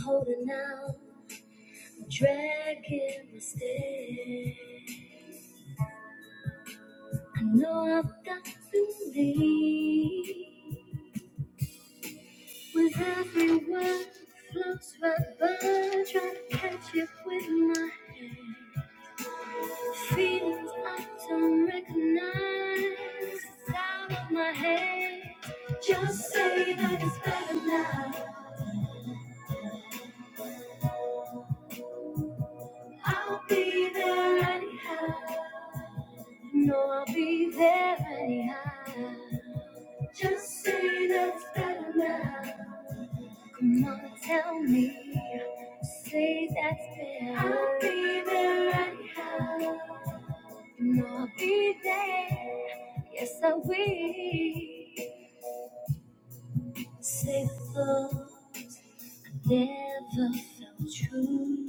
holding out, dragging my stay. I know I've got to leave. With every word floats right by, try to catch it with my hand. Feelings I don't recognize, it's out of my head. Just say that it's better now. I'll be there anyhow. No, I'll be there anyhow. Just say that's better now. Come on, tell me. Say that's better. I'll be there anyhow. No, I'll be there. Yes, I will. Safer, never felt true.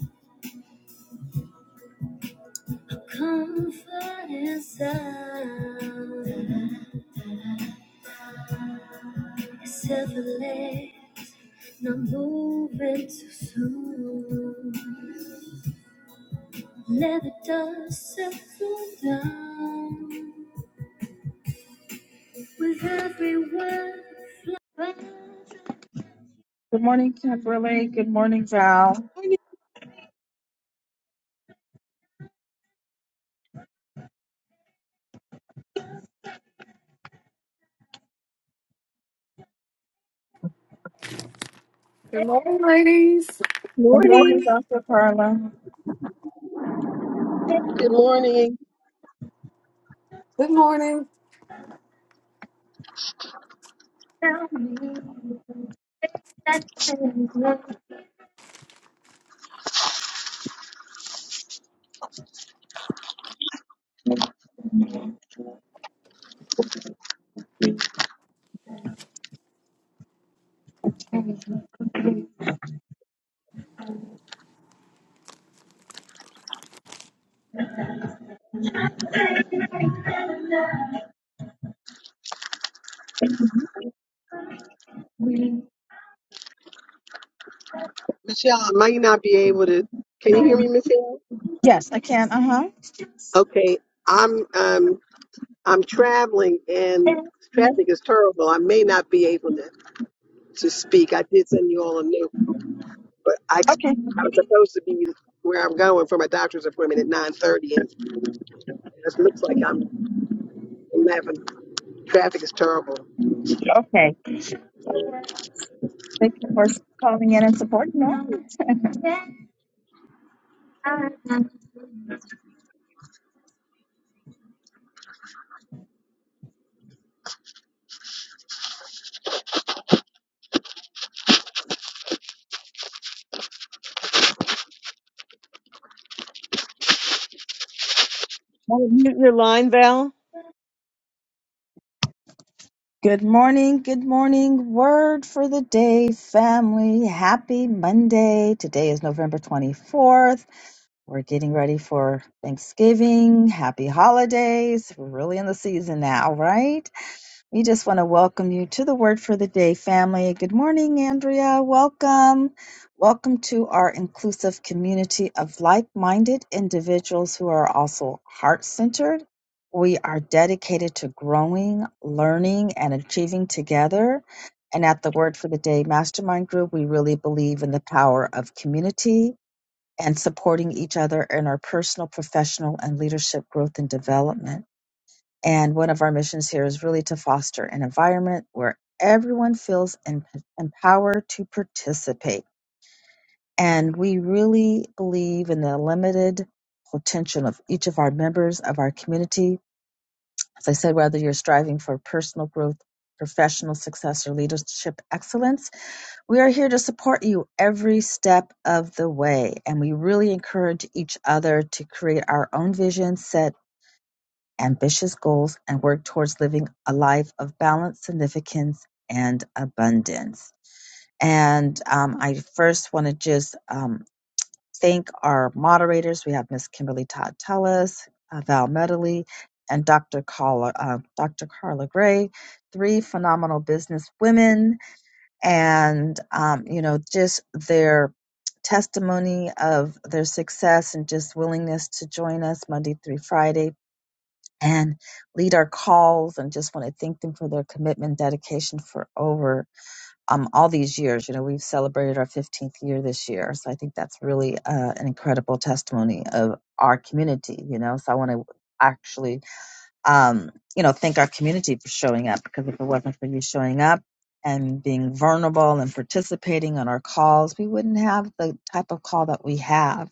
A comfort and sound. It's effortless, not moving too soon. Let the dust settle down with every Good morning, Kimberly. Good morning, Val. Morning. Good morning, ladies. Good Morning. morning, Morning. Dr. Carla. Good morning, Good morning. Michelle. I might not be able to. Can you hear me, Michelle? Yes, I can. Uh huh. Okay, I'm um I'm traveling and traffic is terrible. I may not be able to to speak. I did send you all a note, but I ex- Okay. I was supposed to be where I'm going for my doctor's appointment at 9:30, and it looks like I'm 11. Traffic is terrible. Okay. Thank you for calling in and supporting us. Want to mute your line, Val? Good morning, good morning. Word for the day, family. Happy Monday. Today is November 24th. We're getting ready for Thanksgiving. Happy holidays. We're really in the season now, right? We just want to welcome you to the Word for the Day family. Good morning, Andrea. Welcome. Welcome to our inclusive community of like minded individuals who are also heart centered. We are dedicated to growing, learning, and achieving together. And at the Word for the Day Mastermind Group, we really believe in the power of community and supporting each other in our personal, professional, and leadership growth and development. And one of our missions here is really to foster an environment where everyone feels em- empowered to participate. And we really believe in the limited potential of each of our members of our community. As I said, whether you're striving for personal growth, professional success, or leadership excellence, we are here to support you every step of the way, and we really encourage each other to create our own vision, set ambitious goals, and work towards living a life of balance, significance, and abundance. And um, I first want to just um, thank our moderators. We have Miss Kimberly Todd Tellis, uh, Val Medley, and Dr. Carla, uh, Dr. Carla Gray, three phenomenal business women and um, you know just their testimony of their success and just willingness to join us monday through friday and lead our calls and just want to thank them for their commitment and dedication for over um, all these years you know we've celebrated our 15th year this year so i think that's really uh, an incredible testimony of our community you know so i want to actually um, you know, thank our community for showing up because if it wasn't for you showing up and being vulnerable and participating on our calls, we wouldn't have the type of call that we have.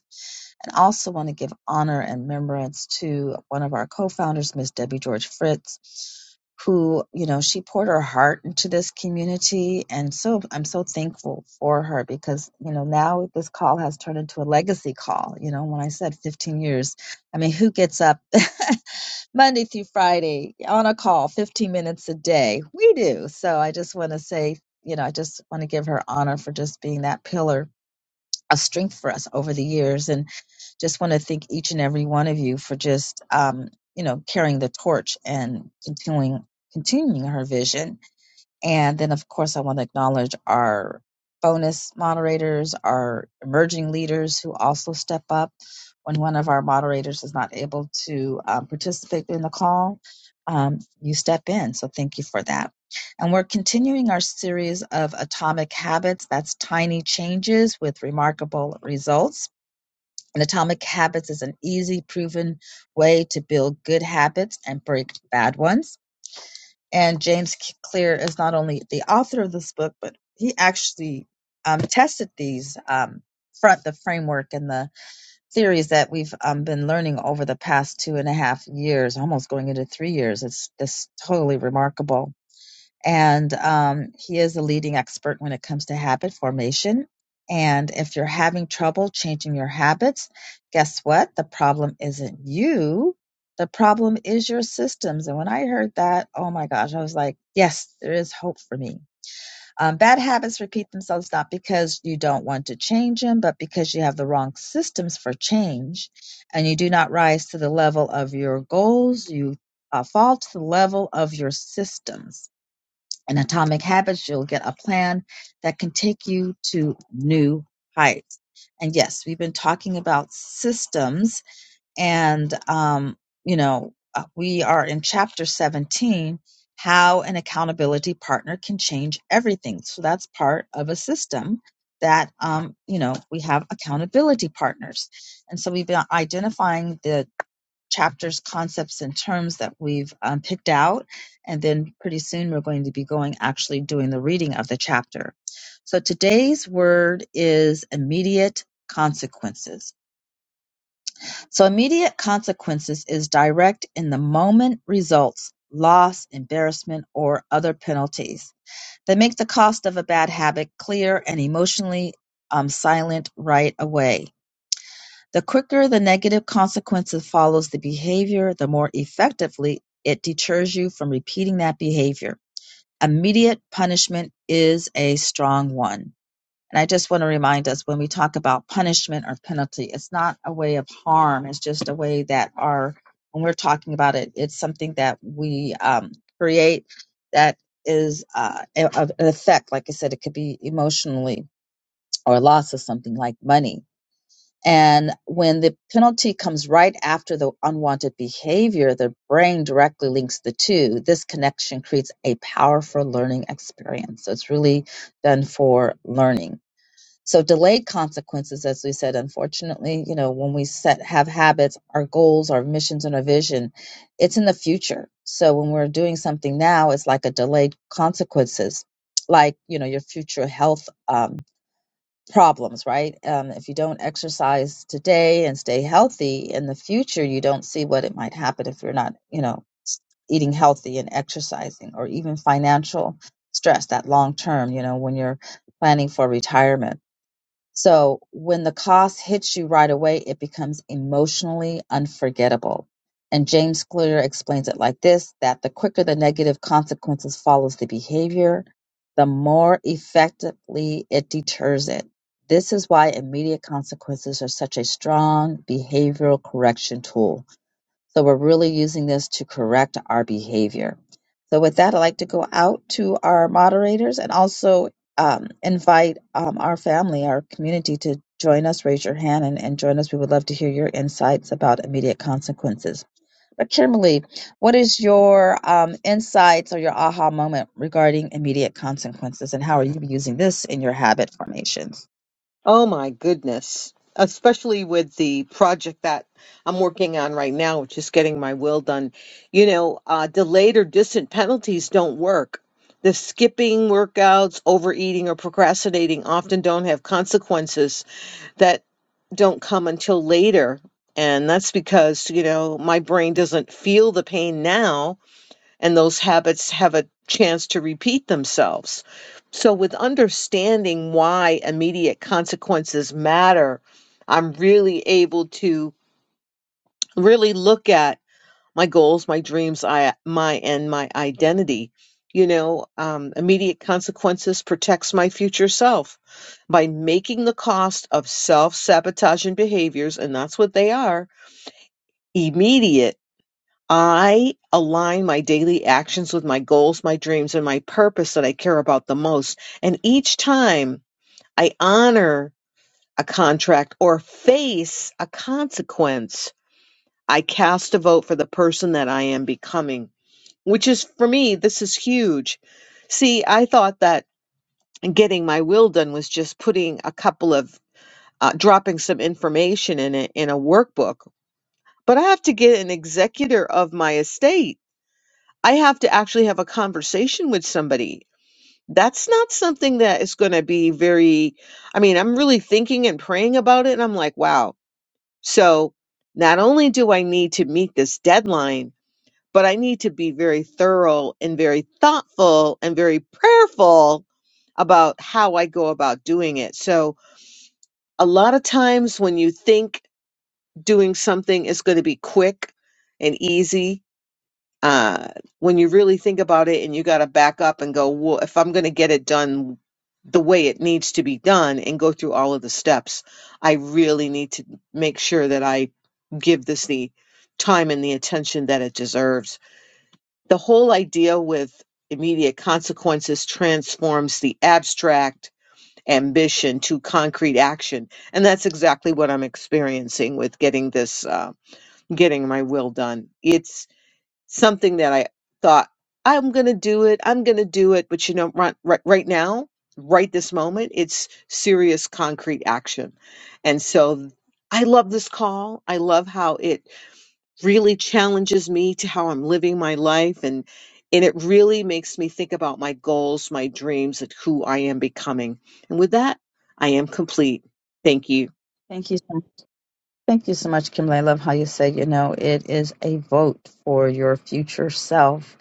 And also want to give honor and remembrance to one of our co-founders, Miss Debbie George Fritz, who, you know, she poured her heart into this community. And so I'm so thankful for her because, you know, now this call has turned into a legacy call. You know, when I said 15 years, I mean, who gets up Monday through Friday on a call, 15 minutes a day. We do. So I just want to say, you know, I just want to give her honor for just being that pillar of strength for us over the years. And just want to thank each and every one of you for just, um, you know, carrying the torch and continuing continuing her vision and then, of course, I want to acknowledge our bonus moderators, our emerging leaders who also step up when one of our moderators is not able to um, participate in the call. Um, you step in. So, thank you for that. And we're continuing our series of atomic habits that's tiny changes with remarkable results. And atomic habits is an easy, proven way to build good habits and break bad ones. And James Clear is not only the author of this book, but he actually um, tested these um, front the framework and the theories that we've um, been learning over the past two and a half years, almost going into three years. It's just totally remarkable and um, he is a leading expert when it comes to habit formation. And if you're having trouble changing your habits, guess what? The problem isn't you. The problem is your systems. And when I heard that, oh my gosh, I was like, yes, there is hope for me. Um, bad habits repeat themselves not because you don't want to change them, but because you have the wrong systems for change and you do not rise to the level of your goals. You uh, fall to the level of your systems and Atomic Habits, you'll get a plan that can take you to new heights. And yes, we've been talking about systems and um, you know uh, we are in chapter 17 how an accountability partner can change everything so that's part of a system that um, you know we have accountability partners and so we've been identifying the chapters concepts and terms that we've um, picked out and then pretty soon we're going to be going actually doing the reading of the chapter so today's word is immediate consequences so immediate consequences is direct in the moment results, loss, embarrassment, or other penalties. They make the cost of a bad habit clear and emotionally um, silent right away. The quicker the negative consequences follows the behavior, the more effectively it deters you from repeating that behavior. Immediate punishment is a strong one. And I just want to remind us when we talk about punishment or penalty, it's not a way of harm. It's just a way that our, when we're talking about it, it's something that we um, create that is uh, a- of an effect. Like I said, it could be emotionally or loss of something like money. And when the penalty comes right after the unwanted behavior, the brain directly links the two. This connection creates a powerful learning experience. So it's really done for learning. So delayed consequences, as we said, unfortunately, you know, when we set have habits, our goals, our missions, and our vision, it's in the future. So when we're doing something now, it's like a delayed consequences, like you know your future health um, problems, right? Um, if you don't exercise today and stay healthy, in the future you don't see what it might happen if you're not, you know, s- eating healthy and exercising, or even financial stress. That long term, you know, when you're planning for retirement so when the cost hits you right away, it becomes emotionally unforgettable. And James Clear explains it like this that the quicker the negative consequences follows the behavior, the more effectively it deters it. This is why immediate consequences are such a strong behavioral correction tool so we're really using this to correct our behavior. So with that, I'd like to go out to our moderators and also um, invite um, our family, our community to join us. Raise your hand and, and join us. We would love to hear your insights about immediate consequences. But Kimberly, what is your um, insights or your aha moment regarding immediate consequences, and how are you using this in your habit formations? Oh my goodness. Especially with the project that I'm working on right now, which is getting my will done. You know, uh, delayed or distant penalties don't work. The skipping workouts, overeating, or procrastinating often don't have consequences that don't come until later. And that's because, you know, my brain doesn't feel the pain now and those habits have a chance to repeat themselves. So, with understanding why immediate consequences matter, I'm really able to really look at my goals, my dreams, I, my and my identity. You know, um, immediate consequences protects my future self by making the cost of self sabotaging behaviors, and that's what they are, immediate I align my daily actions with my goals, my dreams, and my purpose that I care about the most. And each time I honor a contract or face a consequence, I cast a vote for the person that I am becoming, which is for me, this is huge. See, I thought that getting my will done was just putting a couple of uh, dropping some information in it in a workbook, but I have to get an executor of my estate I have to actually have a conversation with somebody. That's not something that is going to be very, I mean, I'm really thinking and praying about it. And I'm like, wow. So not only do I need to meet this deadline, but I need to be very thorough and very thoughtful and very prayerful about how I go about doing it. So a lot of times when you think doing something is going to be quick and easy, uh, when you really think about it and you got to back up and go, well, if I'm going to get it done the way it needs to be done and go through all of the steps, I really need to make sure that I give this the time and the attention that it deserves. The whole idea with immediate consequences transforms the abstract ambition to concrete action. And that's exactly what I'm experiencing with getting this, uh, getting my will done. It's something that I thought I'm going to do it. I'm going to do it. But you know, right, right, right now, right this moment, it's serious concrete action. And so I love this call. I love how it really challenges me to how I'm living my life and and it really makes me think about my goals, my dreams, and who I am becoming. And with that, I am complete. Thank you. Thank you. so- Thank you so much, Kimberly. I love how you said, you know, it is a vote for your future self.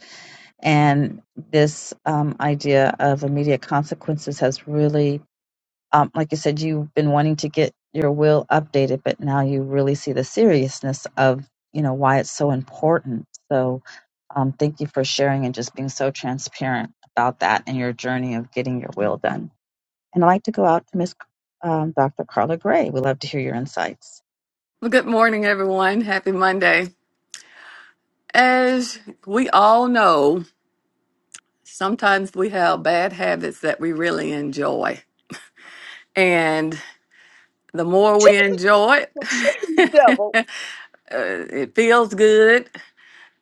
And this um, idea of immediate consequences has really um, like you said, you've been wanting to get your will updated, but now you really see the seriousness of you know why it's so important. So, um, thank you for sharing and just being so transparent about that and your journey of getting your will done. And I'd like to go out to Miss um, Dr. Carla Gray. We'd love to hear your insights. Well, good morning, everyone. Happy Monday. As we all know, sometimes we have bad habits that we really enjoy. And the more Tell we the, enjoy the shame it, devil uh, it feels good.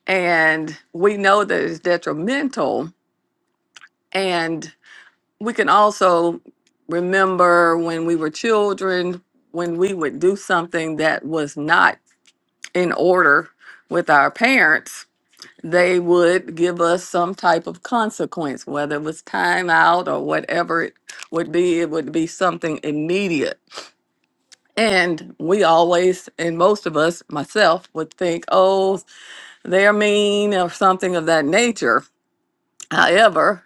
And we know that it's detrimental. And we can also remember when we were children, when we would do something that was not in order with our parents, they would give us some type of consequence, whether it was time out or whatever it would be, it would be something immediate. And we always, and most of us, myself, would think, oh, they're mean or something of that nature. However,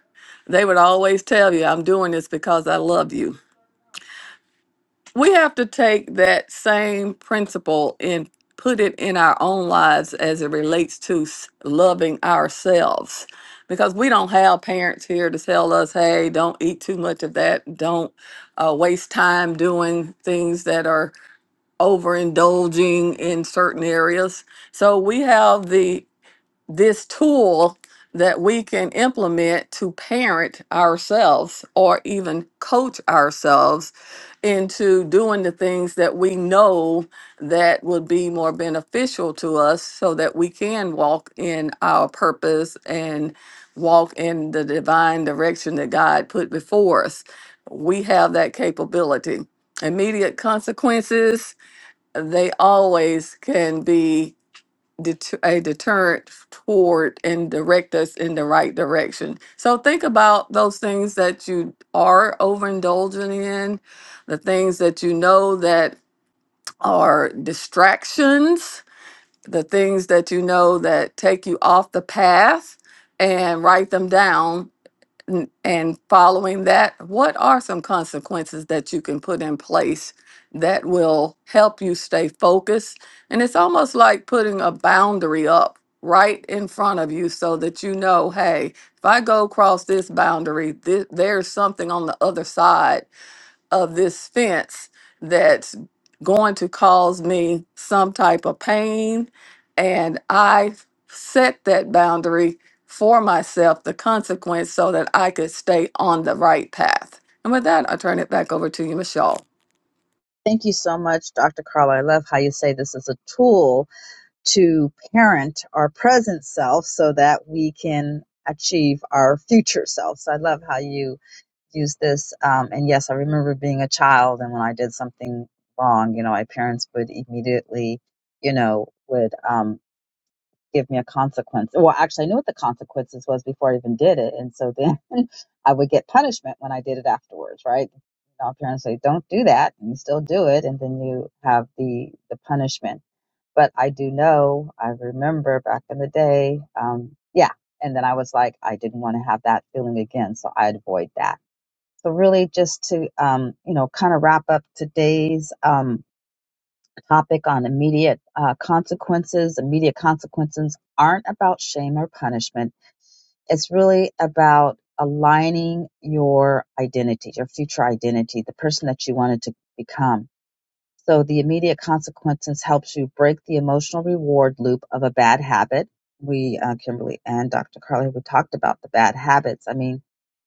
they would always tell you, I'm doing this because I love you. we have to take that same principle and put it in our own lives as it relates to s- loving ourselves because we don't have parents here to tell us hey don't eat too much of that don't uh, waste time doing things that are overindulging in certain areas so we have the this tool that we can implement to parent ourselves or even coach ourselves into doing the things that we know that would be more beneficial to us so that we can walk in our purpose and walk in the divine direction that God put before us. We have that capability. Immediate consequences, they always can be det- a deterrent toward and direct us in the right direction. So think about those things that you are overindulging in, the things that you know that are distractions, the things that you know that take you off the path, and write them down n- and following that, what are some consequences that you can put in place that will help you stay focused? And it's almost like putting a boundary up right in front of you so that you know, hey, if I go across this boundary, th- there's something on the other side of this fence that's going to cause me some type of pain. And I set that boundary for myself, the consequence, so that I could stay on the right path. And with that, I turn it back over to you, Michelle. Thank you so much, Dr. Carla. I love how you say this is a tool to parent our present self so that we can achieve our future self. So I love how you use this. Um, and yes, I remember being a child, and when I did something wrong, you know, my parents would immediately, you know, would um, give me a consequence. Well, actually, I knew what the consequences was before I even did it, and so then I would get punishment when I did it afterwards, right? You know, parents say, "Don't do that," and you still do it, and then you have the the punishment. But I do know, I remember back in the day, um, yeah. And then I was like, I didn't want to have that feeling again, so I'd avoid that so really just to, um, you know, kind of wrap up today's um, topic on immediate uh, consequences. Immediate consequences aren't about shame or punishment. It's really about aligning your identity, your future identity, the person that you wanted to become. So the immediate consequences helps you break the emotional reward loop of a bad habit. We, uh, Kimberly and Dr. Carly, we talked about the bad habits. I mean,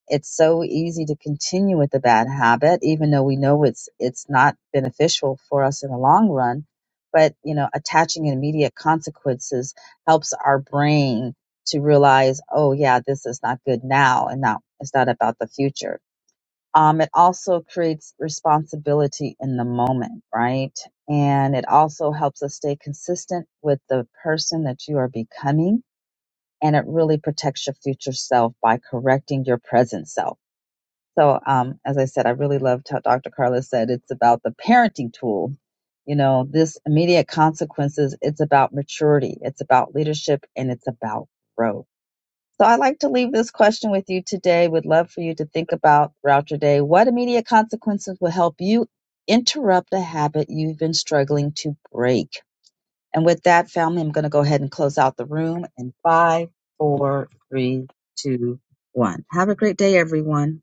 it's so easy to continue with the bad habit, even though we know it's it's not beneficial for us in the long run. But you know, attaching immediate consequences helps our brain to realize, oh yeah, this is not good now, and now it's not about the future. Um, it also creates responsibility in the moment, right? And it also helps us stay consistent with the person that you are becoming. And it really protects your future self by correcting your present self. So, um, as I said, I really loved how Dr. Carla said it's about the parenting tool. You know, this immediate consequences, it's about maturity, it's about leadership, and it's about growth. So, I'd like to leave this question with you today. Would love for you to think about throughout your day what immediate consequences will help you interrupt a habit you've been struggling to break. And with that, family, I'm going to go ahead and close out the room in five, four, three, two, one. Have a great day, everyone.